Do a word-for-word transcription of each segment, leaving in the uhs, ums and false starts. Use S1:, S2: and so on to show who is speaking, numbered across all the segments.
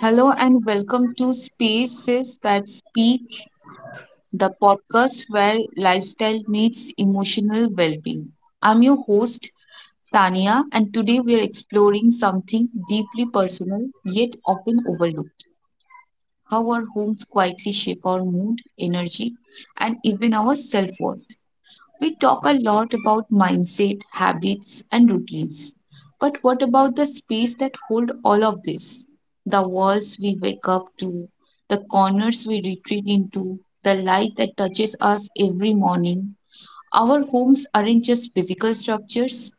S1: Hello and welcome to Spaces That Speak, the podcast where lifestyle meets emotional well being. I'm your host, Tania, and today we are exploring something deeply personal yet often overlooked: how our homes quietly shape our mood, energy, and even our self worth. We talk a lot about mindset, habits, and routines. But what about the space that hold all of this? The walls we wake up to, the corners we retreat into, the light that touches us every morning. Our homes aren't just physical structures,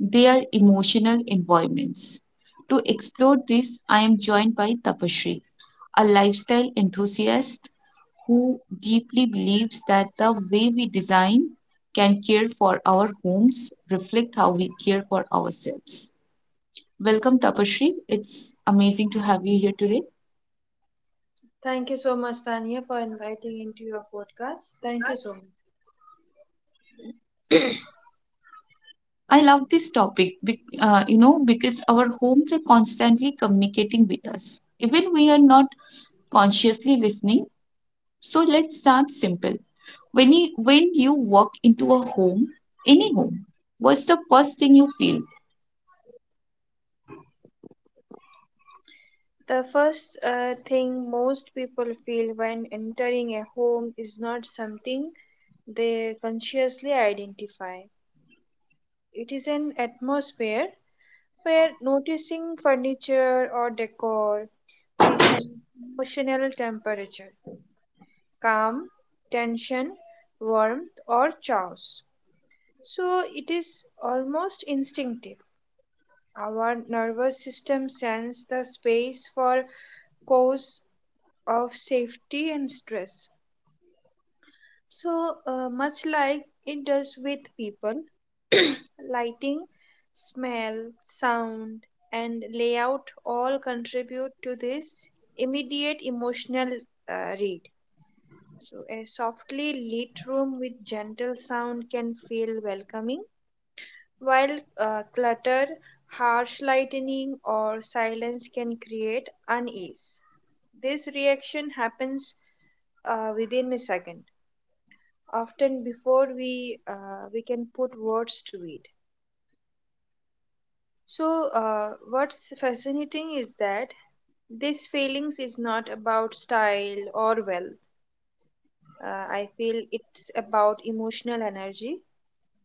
S1: their emotional environments. To explore this, I am joined by Tapashri, a lifestyle enthusiast who deeply believes that the way we design can care for our homes reflect how we care for ourselves. Welcome, Tapashri. It's amazing to have you here today.
S2: Thank you so much, Tania, for inviting into your podcast. Thank you so much.
S1: I love this topic, bec- uh, you know, because our homes are constantly communicating with us. Even we are not consciously listening. So let's start simple. When you, when you walk into a home, any home, what's the first thing you feel?
S2: The first uh, thing most people feel when entering a home is not something they consciously identify. It is an atmosphere where noticing furniture or decor, we sense emotional temperature, calm, tension, warmth, or chaos. So it is almost instinctive. Our nervous system sends the space for cause of safety and stress. So, uh, much like it does with people, lighting, smell, sound, and layout all contribute to this immediate emotional uh, read. So, a softly lit room with gentle sound can feel welcoming. While uh, clutter, harsh lighting, or silence can create unease. This reaction happens uh, within a second, often before we uh, we can put words to it. So, uh, what's fascinating is that this feelings is not about style or wealth. Uh, I feel it's about emotional energy.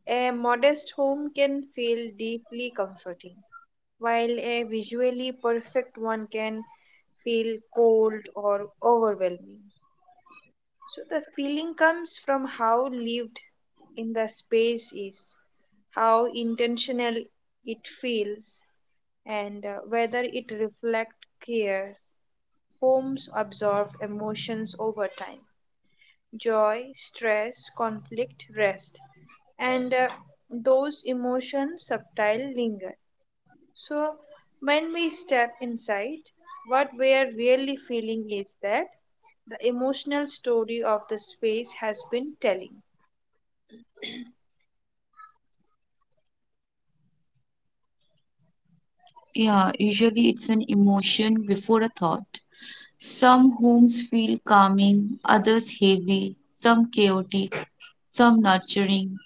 S2: A modest home can feel deeply comforting while a visually perfect one can feel cold or overwhelming. So the feeling comes from how lived in the space is, how intentional it feels, and uh, whether it reflects cares. Homes absorb emotions over time, joy, stress, conflict, rest, and uh, those emotions subtile linger. So, when we step inside, what we are really feeling is that the emotional story of the space has been telling.
S1: Yeah, usually it's an emotion before a thought. Some homes feel calming, others heavy, some chaotic, some nurturing.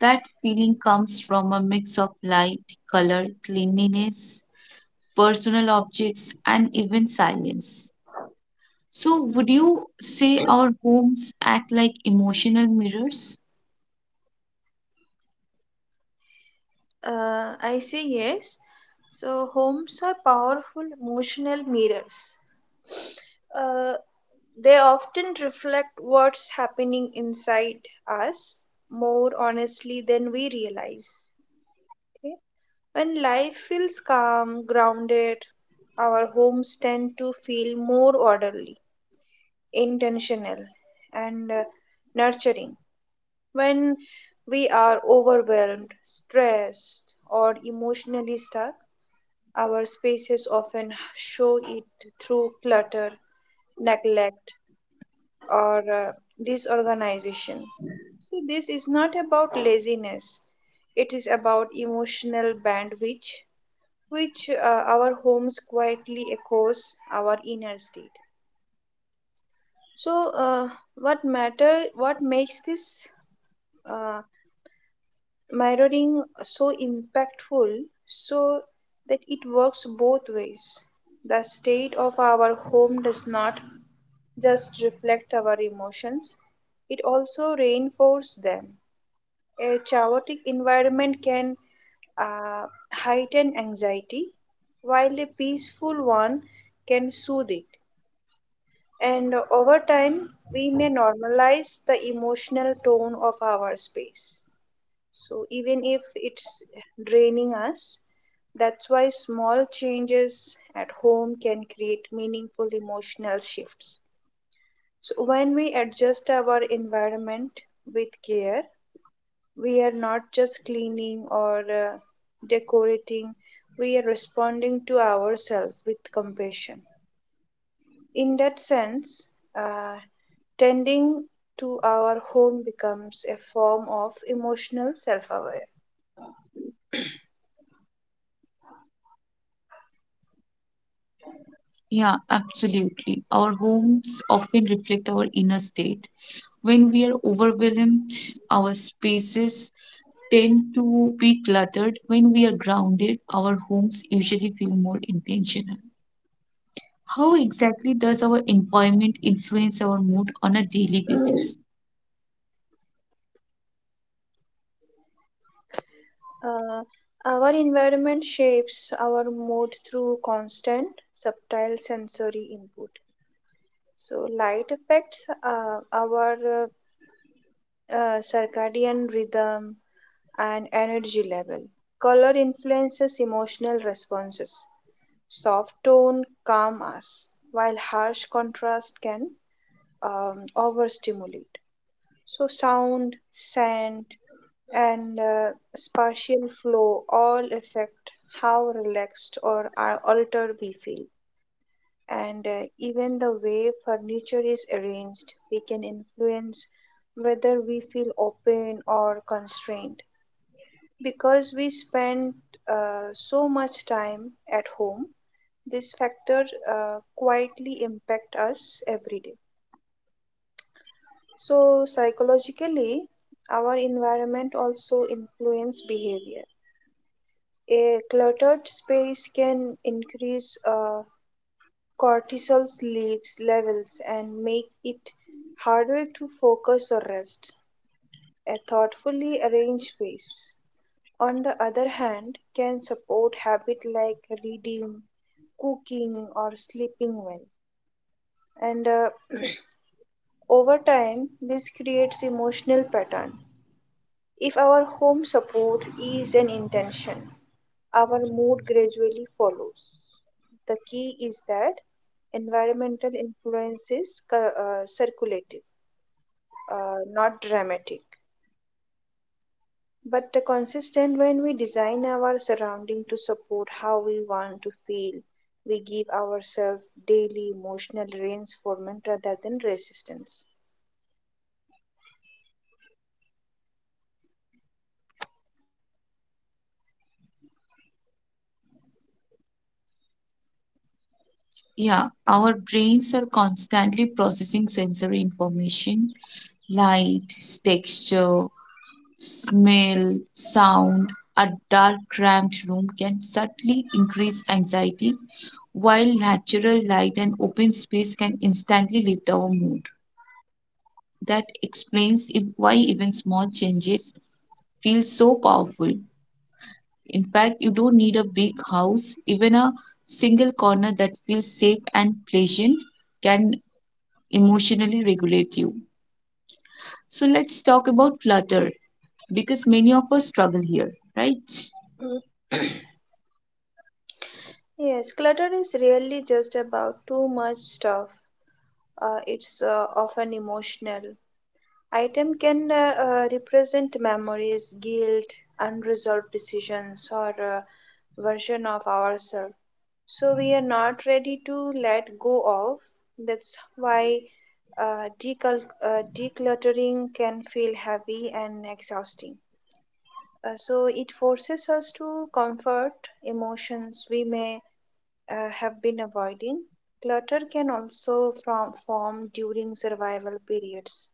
S1: That feeling comes from a mix of light, color, cleanliness, personal objects, and even silence. So,
S2: Hmm.
S1: would you say our homes act like emotional mirrors?
S2: Uh, I say yes. So, homes are powerful emotional mirrors. Uh, they often reflect what's happening inside us more honestly than we realize. Okay? When life feels calm, grounded, our homes tend to feel more orderly, intentional, and uh, nurturing. When we are overwhelmed, stressed, or emotionally stuck, our spaces often show it through clutter, neglect, or uh, disorganization. So, this is not about laziness, it is about emotional bandwidth, which uh, our homes quietly echoes our inner state. So, uh, what matter? What makes this uh, mirroring so impactful so that it works both ways? The state of our home does not just reflect our emotions, it also reinforces them. A chaotic environment can uh, heighten anxiety, while a peaceful one can soothe it. And over time, we may normalize the emotional tone of our space. So even if it's draining us, that's why small changes at home can create meaningful emotional shifts. So when we adjust our environment with care, we are not just cleaning or uh, decorating, we are responding to ourselves with compassion. In that sense, uh, tending to our home becomes a form of emotional self awareness.
S1: Yeah, absolutely. Our homes often reflect our inner state. When we are overwhelmed, our spaces tend to be cluttered. When we are grounded, our homes usually feel more intentional. How exactly does our environment influence our mood on a daily basis?
S2: Uh, our environment shapes our mood through constant, subtle sensory input. So, light affects uh, our uh, uh, circadian rhythm and energy level. Color influences emotional responses. Soft tone calm us, while harsh contrast can um, overstimulate. So, sound, scent, and uh, spatial flow all affect how relaxed or uh, altered we feel. And uh, even the way furniture is arranged, we can influence whether we feel open or constrained. Because we spend uh, so much time at home, this factor uh, quietly impact us every day. So psychologically, our environment also influence behavior. A cluttered space can increase uh, cortisol sleeves levels and make it harder to focus or rest. A thoughtfully arranged space, on the other hand, can support habits like reading, cooking, or sleeping well. And uh, over time, this creates emotional patterns. If our home support is an intention, our mood gradually follows. The key is that environmental influence is cir- uh, circulative, uh, not dramatic, but consistent. When we design our surrounding to support how we want to feel, we give ourselves daily emotional reinforcement rather than resistance.
S1: Yeah, our brains are constantly processing sensory information, light, texture, smell, sound, a dark, cramped room can subtly increase anxiety, while natural light and open space can instantly lift our mood. That explains if, why even small changes feel so powerful. In fact, you don't need a big house, even a single corner that feels safe and pleasant can emotionally regulate you. So, let's talk about clutter because many of us struggle here, right?
S2: Yes, clutter is really just about too much stuff. Uh, it's uh, often emotional. Item can uh, uh, represent memories, guilt, unresolved decisions, or a version of ourselves. So we are not ready to let go of. That's why uh, decul- uh, decluttering can feel heavy and exhausting. Uh, so it forces us to comfort emotions we may uh, have been avoiding. Clutter can also from, form during survival periods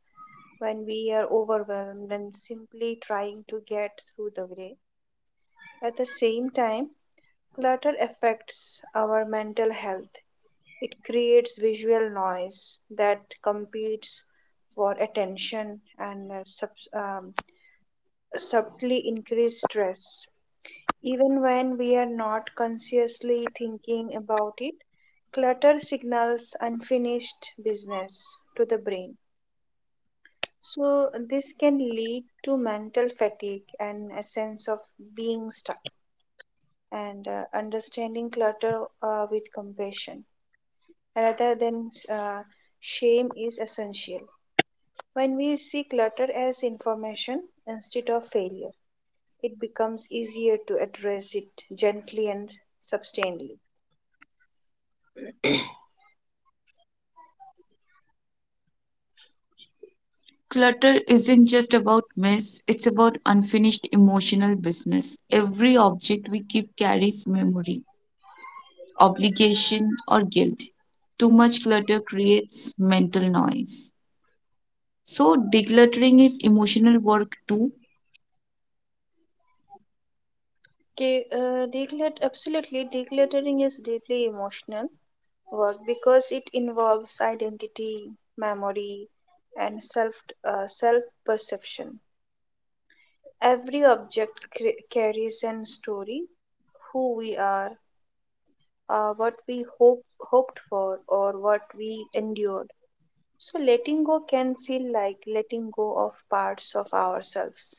S2: when we are overwhelmed and simply trying to get through the day. At the same time, clutter affects our mental health. It creates visual noise that competes for attention and uh, sub, um, subtly increase stress. Even when we are not consciously thinking about it, clutter signals unfinished business to the brain. So, this can lead to mental fatigue and a sense of being stuck, and uh, understanding clutter uh, with compassion rather than uh, shame is essential. When we see clutter as information instead of failure, it becomes easier to address it gently and sustainably.
S1: Clutter isn't just about mess, it's about unfinished emotional business. Every object we keep carries memory, obligation, or guilt. Too much clutter creates mental noise. So, decluttering is emotional work too.
S2: Okay, uh, declut- absolutely, decluttering is deeply emotional work because it involves identity, memory, and self uh, self perception. Every object cr- carries an story: who we are, uh, what we hope hoped for, or what we endured. So letting go can feel like letting go of parts of ourselves,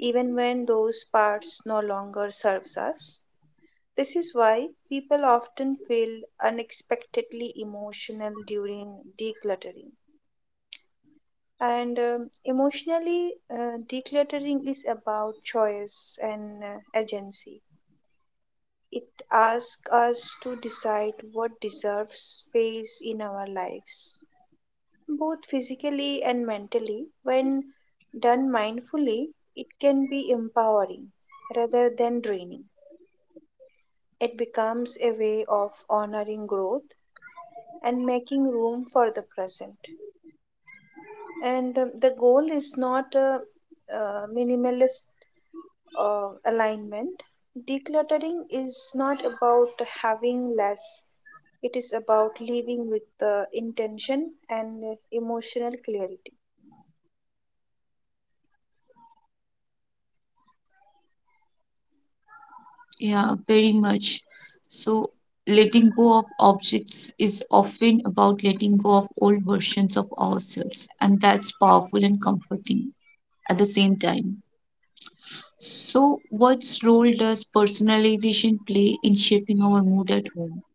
S2: even when those parts no longer serves us. This is why people often feel unexpectedly emotional during decluttering. And um, emotionally, uh, decluttering is about choice and uh, agency. It asks us to decide what deserves space in our lives, both physically and mentally. When done mindfully, it can be empowering rather than draining. It becomes a way of honoring growth and making room for the present. And um, the goal is not a uh minimalist uh, alignment. Decluttering is not about having less, it is about living with the intention and emotional clarity.
S1: Yeah, very much. So, letting go of objects is often about letting go of old versions of ourselves, and that's powerful and comforting at the same time. So, what's role does personalization play in shaping our mood at home?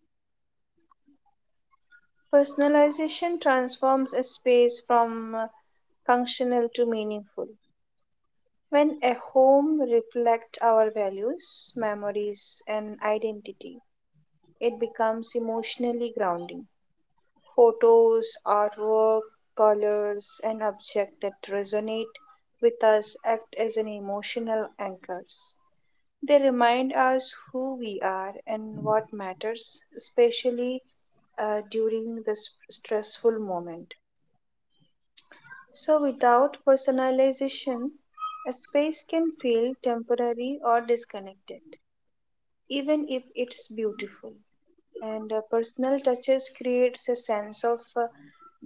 S2: Personalization transforms a space from uh, functional to meaningful. When a home reflects our values, memories, and identity, it becomes emotionally grounding. Photos, artwork, colors, and objects that resonate with us act as an emotional anchors. They remind us who we are and what matters, especially uh, during this stressful moment. So, without personalization, a space can feel temporary or disconnected, even if it's beautiful. And uh, personal touches creates a sense of uh,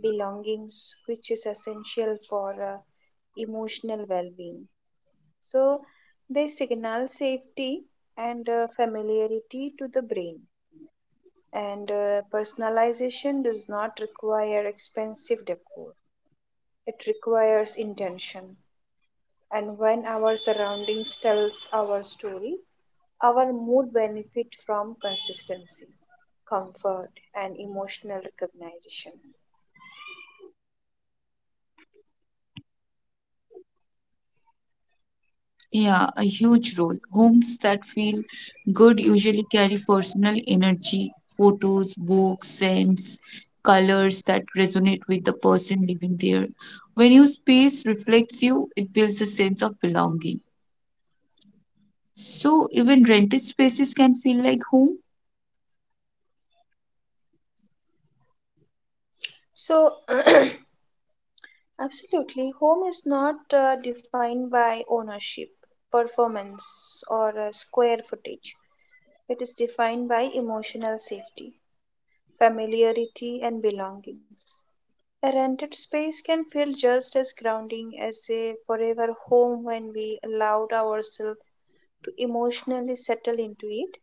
S2: belongings, which is essential for uh, emotional well-being, so they signal safety and uh, familiarity to the brain. And uh, personalization does not require expensive decor, it requires intention. And when our surroundings tells our story, our mood benefit from consistency, comfort, and emotional recognition.
S1: Yeah, a huge role. Homes that feel good usually carry personal energy, photos, books, scents, colors that resonate with the person living there. When your space reflects you, it builds a sense of belonging. So, even rented spaces can feel like home.
S2: So, absolutely, home is not uh, defined by ownership, performance, or uh, square footage. It is defined by emotional safety, familiarity, and belongings. A rented space can feel just as grounding as a forever home when we allowed ourselves to emotionally settle into it.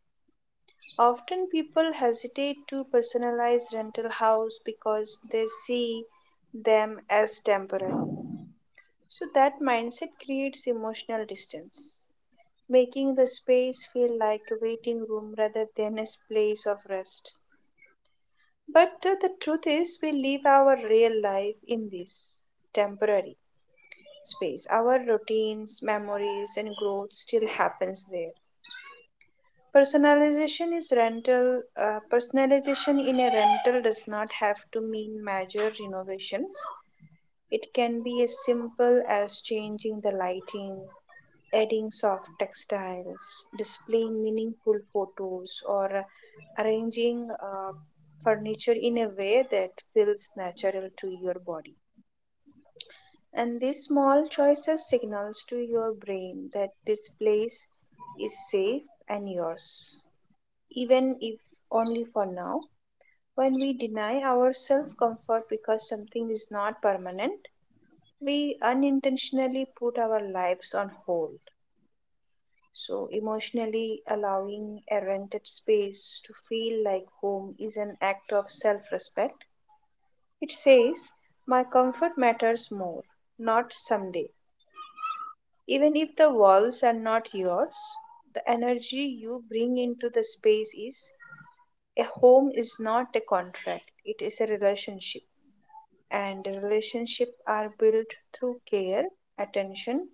S2: Often people hesitate to personalize rental house because they see them as temporary. So that mindset creates emotional distance, making the space feel like a waiting room rather than a place of rest. But uh, the truth is, we live our real life in this temporary space. Our routines, memories, and growth still happens there. Personalization is rental. Uh, personalization in a rental does not have to mean major renovations. It can be as simple as changing the lighting, adding soft textiles, displaying meaningful photos, or arranging uh, furniture in a way that feels natural to your body. And these small choices signals to your brain that this place is safe and yours, even if only for now. When we deny ourselves comfort because something is not permanent, we unintentionally put our lives on hold. So, emotionally allowing a rented space to feel like home is an act of self respect. It says, my comfort matters more, not someday. Even if the walls are not yours, the energy you bring into the space is. A home is not a contract, it is a relationship, and relationships are built through care, attention,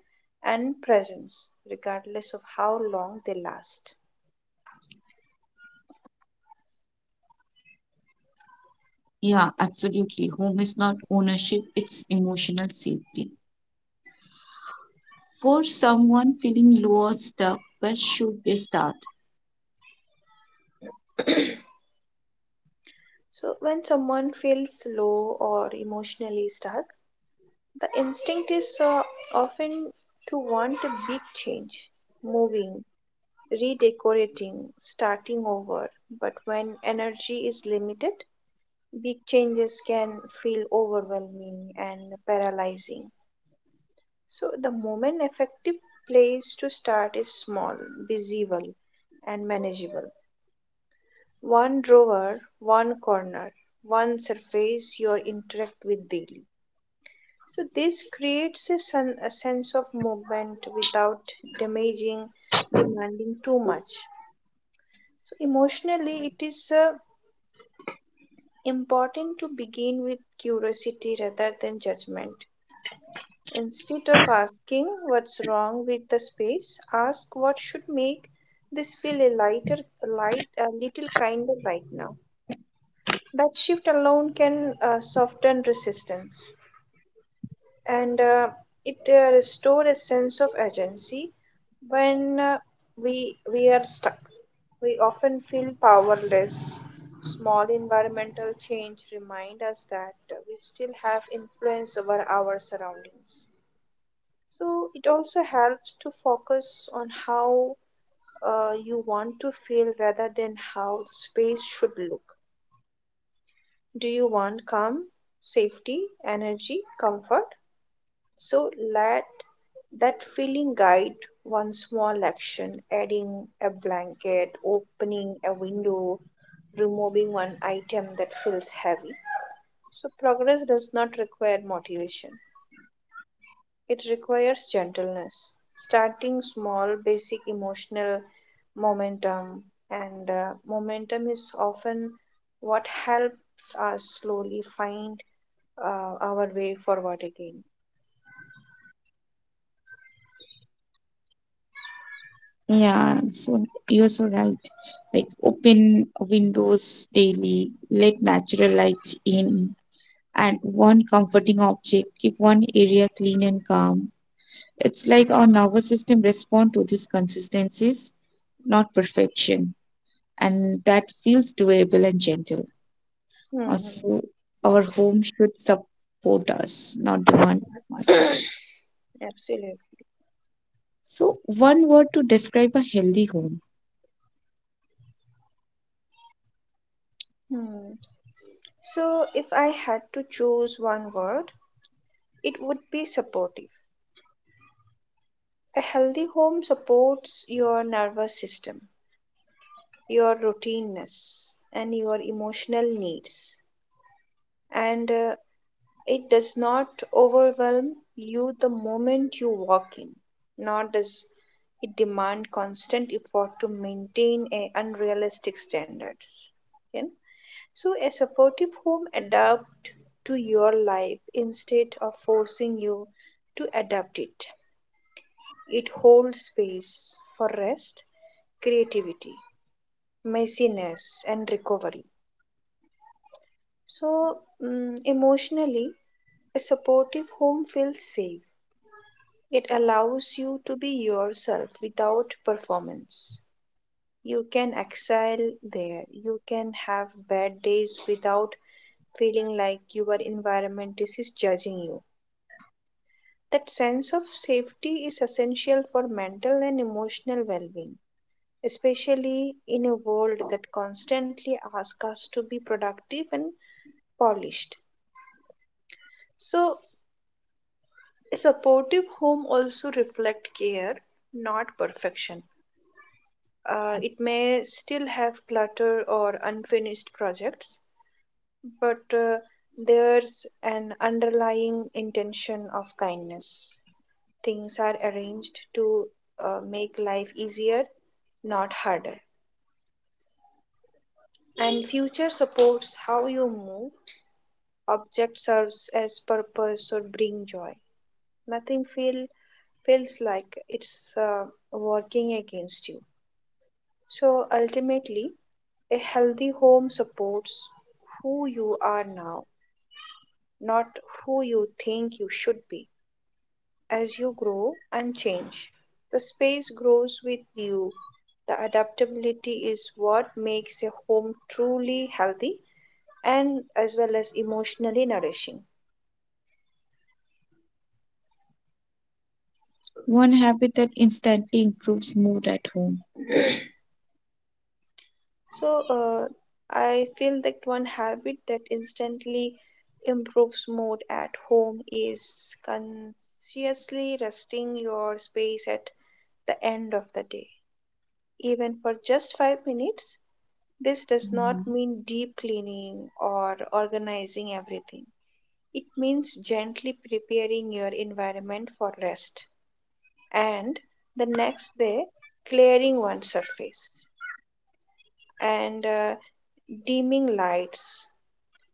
S2: and presence, regardless of how long they last.
S1: Yeah, absolutely. Home is not ownership, it's emotional safety. For someone feeling low or stuck, where should they start?
S2: So when someone feels low or emotionally stuck, the instinct is uh, often to want a big change, moving, redecorating, starting over. But when energy is limited, big changes can feel overwhelming and paralyzing. So, the moment effective place to start is small, visible, and manageable. One drawer, one corner, one surface you interact with daily. So, this creates a, sen- a sense of movement without damaging, demanding too much. So, emotionally, it is uh, important to begin with curiosity rather than judgment. Instead of asking what's wrong with the space, ask what should make this feel a lighter, light, a little kinder right now. That shift alone can uh, soften resistance, and uh, it uh, restore a sense of agency. When uh, we we are stuck, we often feel powerless. Small environmental change remind us that we still have influence over our surroundings. So it also helps to focus on how uh, you want to feel rather than how the space should look. Do you want calm, safety, energy, comfort? So let that feeling guide one small action, adding a blanket, opening a window, removing one item that feels heavy. So progress does not require motivation. It requires gentleness, starting small, basic emotional momentum, and uh, momentum is often what helps us slowly find uh, our way forward again.
S1: Yeah, so you're so right. Like, open windows daily, let natural light in, and one comforting object, keep one area clean and calm. It's like our nervous system respond to these consistencies, not perfection, and that feels doable and gentle.
S2: Mhm.
S1: Also, our home should support us, not demand from us.
S2: Absolutely.
S1: So, one word to describe a healthy home,
S2: Hmm. So, if I had to choose one word, it would be supportive. A healthy home supports your nervous system, your routineness, and your emotional needs. And uh, It does not overwhelm you the moment you walk in, nor does it demand constant effort to maintain a unrealistic standards. Okay? So a supportive home adapt to your life instead of forcing you to adapt it. It holds space for rest, creativity, messiness, and recovery. So, mm, emotionally, a supportive home feels safe. It allows you to be yourself without performance. You can excel there. You can have bad days without feeling like your environment is judging you. That sense of safety is essential for mental and emotional well being, especially in a world that constantly asks us to be productive and polished. So, a supportive home also reflects care, not perfection. Uh, it may still have clutter or unfinished projects, but uh, there's an underlying intention of kindness. Things are arranged to uh, make life easier, not harder. And future supports how you move. Object serves as purpose or bring joy. Nothing feel feels like it's uh, working against you. So ultimately, a healthy home supports who you are now, not who you think you should be. As you grow and change, the space grows with you. The adaptability is what makes a home truly healthy and as well as emotionally nourishing.
S1: one habit that instantly improves mood at home.
S2: So, uh, I feel that one habit that instantly improves mood at home is consciously resting your space at the end of the day. Even for just five minutes, this does
S1: Mhm.
S2: not mean deep cleaning or organizing everything. It means gently preparing your environment for rest and the next day clearing one surface and uh, dimming lights,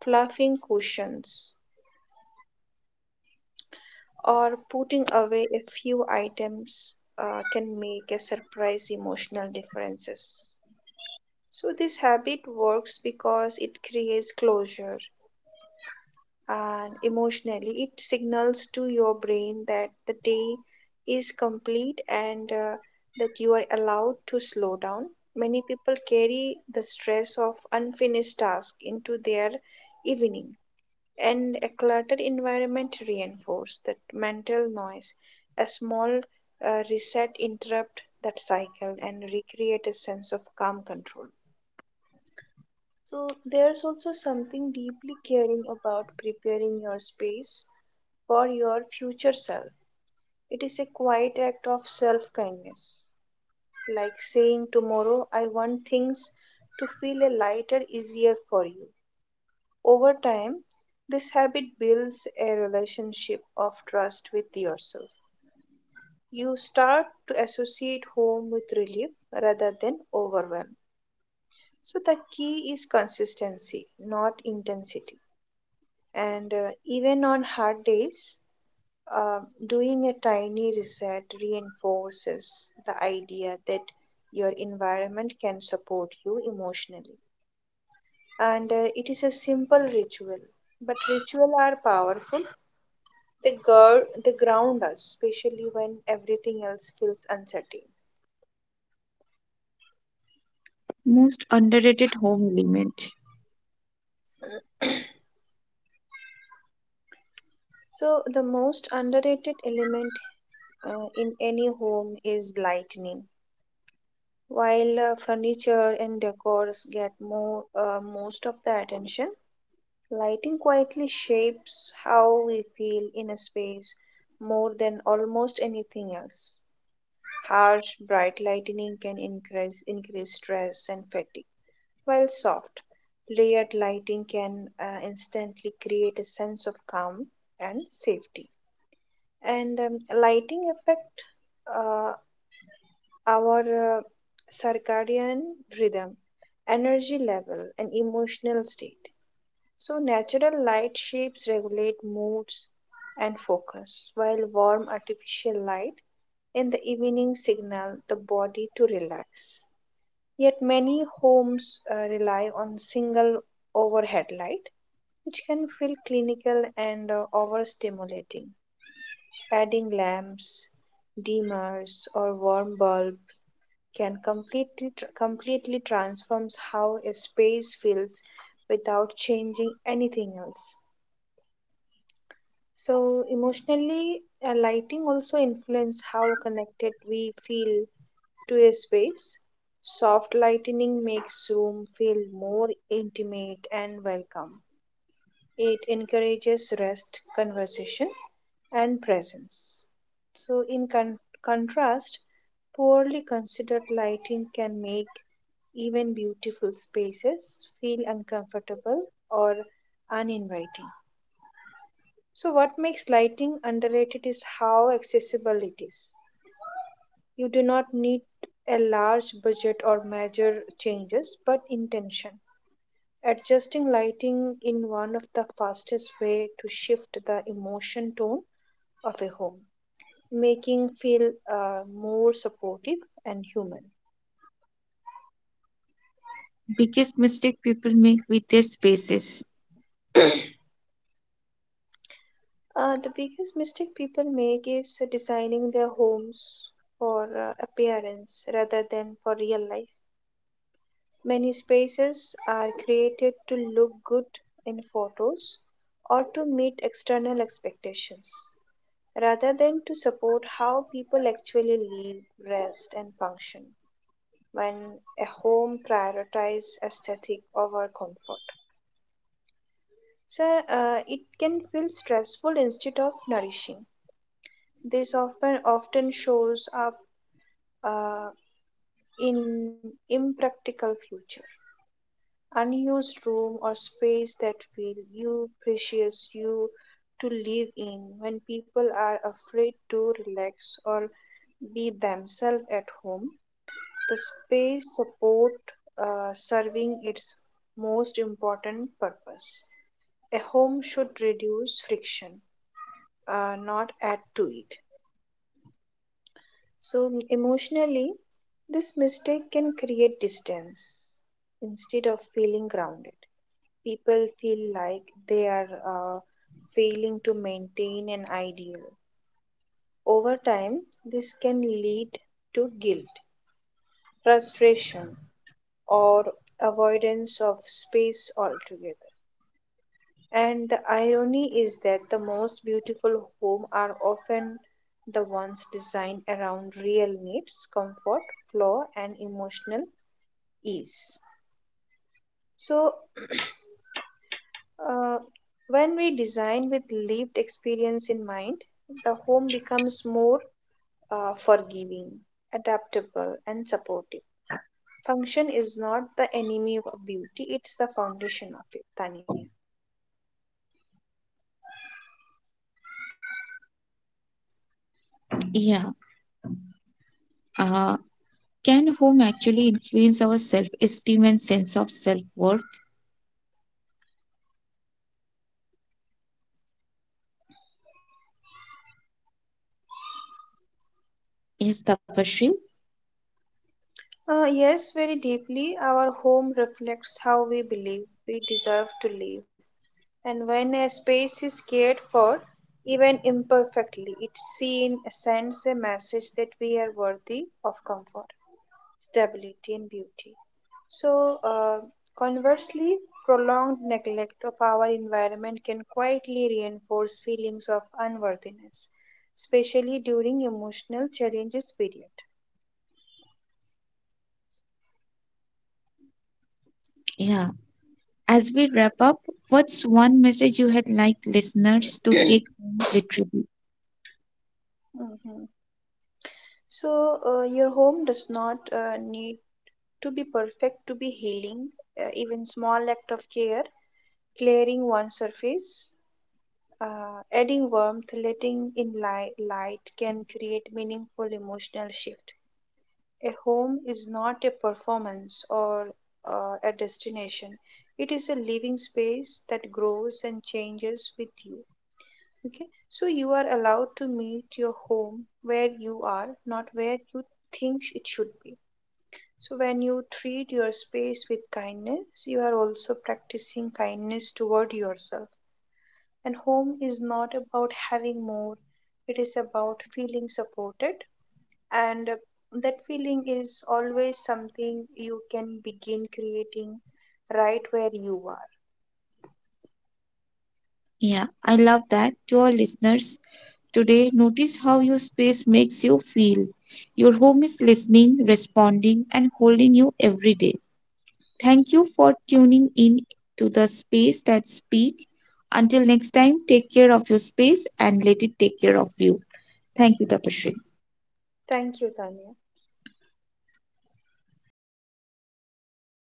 S2: fluffing cushions, or putting away a few items uh, can make a surprise emotional differences. So this habit works because it creates closure and emotionally it signals to your brain that the day is complete and uh, that you are allowed to slow down. Many people carry the stress of unfinished tasks into their evening and a cluttered environment reinforces that mental noise. A small uh, reset interrupt that cycle and recreate a sense of calm control. So there's also something deeply caring about preparing your space for your future self. It is a quiet act of self kindness, like saying, "Tomorrow I want things to feel a lighter, easier for you." Over time, this habit builds a relationship of trust with yourself. You start to associate home with relief rather than overwhelm. So, the key is consistency, not intensity. And uh, even on hard days, uh, doing a tiny reset reinforces the idea that your environment can support you emotionally. And uh, it is a simple ritual, but rituals are powerful. They gird, they ground us, especially when everything else feels uncertain.
S1: Most underrated home element,
S2: So, the most underrated element uh, in any home is lightning. While uh, furniture and decors get more uh, most of the attention, lighting quietly shapes how we feel in a space more than almost anything else. Harsh, bright lightning can increase increase stress and fatigue. While soft, layered lighting can uh, instantly create a sense of calm and safety. And um, lighting affect uh, our uh, circadian rhythm, energy level, and emotional state. So natural light shapes regulate moods and focus, while warm artificial light in the evening signal the body to relax. Yet many homes uh, rely on single overhead light, which can feel clinical and uh, overstimulating. Adding lamps, dimmers, or warm bulbs can completely tr- completely transforms how a space feels without changing anything else. So emotionally, uh, lighting also influence how connected we feel to a space. Soft lighting makes room feel more intimate and welcome. It encourages rest, conversation, and presence. So, in con- contrast, poorly considered lighting can make even beautiful spaces feel uncomfortable or uninviting. So, what makes lighting underrated is how accessible it is. You do not need a large budget or major changes, but intention. Adjusting lighting in one of the fastest way to shift the emotion tone of a home, making feel uh, more supportive and human.
S1: biggest mistake people make with their spaces.
S2: Uh, the biggest mistake people make is designing their homes for uh, appearance rather than for real life. Many spaces are created to look good in photos or to meet external expectations, rather than to support how people actually live, rest, and function when a home prioritizes aesthetic over comfort. So uh, it can feel stressful instead of nourishing. This often often shows up uh, in impractical future. Unused room or space that feel you precious you to live in when people are afraid to relax or be themselves at home, the space support uh, serving its most important purpose. A home should reduce friction, uh, not add to it. So, emotionally, this mistake can create distance instead of feeling grounded. People feel like they are uh, failing to maintain an ideal. Over time, this can lead to guilt, frustration, or avoidance of space altogether. And the irony is that the most beautiful homes are often the ones designed around real needs, comfort, flaw, and emotional ease. So, uh, when we design with lived experience in mind, the home becomes more uh, forgiving, adaptable, and supportive. Function is not the enemy of beauty, it's the foundation of it, Tanya.
S1: Yeah. Uh, can home actually influence our self esteem and sense of self worth? Yes, Tapashri.
S2: Uh, yes, very deeply. Our home reflects how we believe we deserve to live. And when a space is cared for, even imperfectly, it seen sends a message that we are worthy of comfort, stability, and beauty. So, uh, conversely, prolonged neglect of our environment can quietly reinforce feelings of unworthiness, especially during emotional challenges period.
S1: Yeah. As we wrap up, what's one message you had like listeners to take home literally?
S2: Mhm. So, uh, your home does not uh, need to be perfect to be healing. Uh, even small act of care, clearing one surface, uh, adding warmth, letting in light, light can create meaningful emotional shift. A home is not a performance or uh, a destination. It is a living space that grows and changes with you. Okay, so you are allowed to meet your home where you are, not where you think it should be. So when you treat your space with kindness, you are also practicing kindness toward yourself. And home is not about having more, it is about feeling supported. And uh, that feeling is always something you can begin creating right where you are.
S1: Yeah, I love that. To our listeners, today, notice how your space makes you feel. Your home is listening, responding, and holding you every day. Thank you for tuning in to the space that speak. Until next time, take care of your space and let it take care of you. Thank you, Tapashri.
S2: Thank you, Tanya.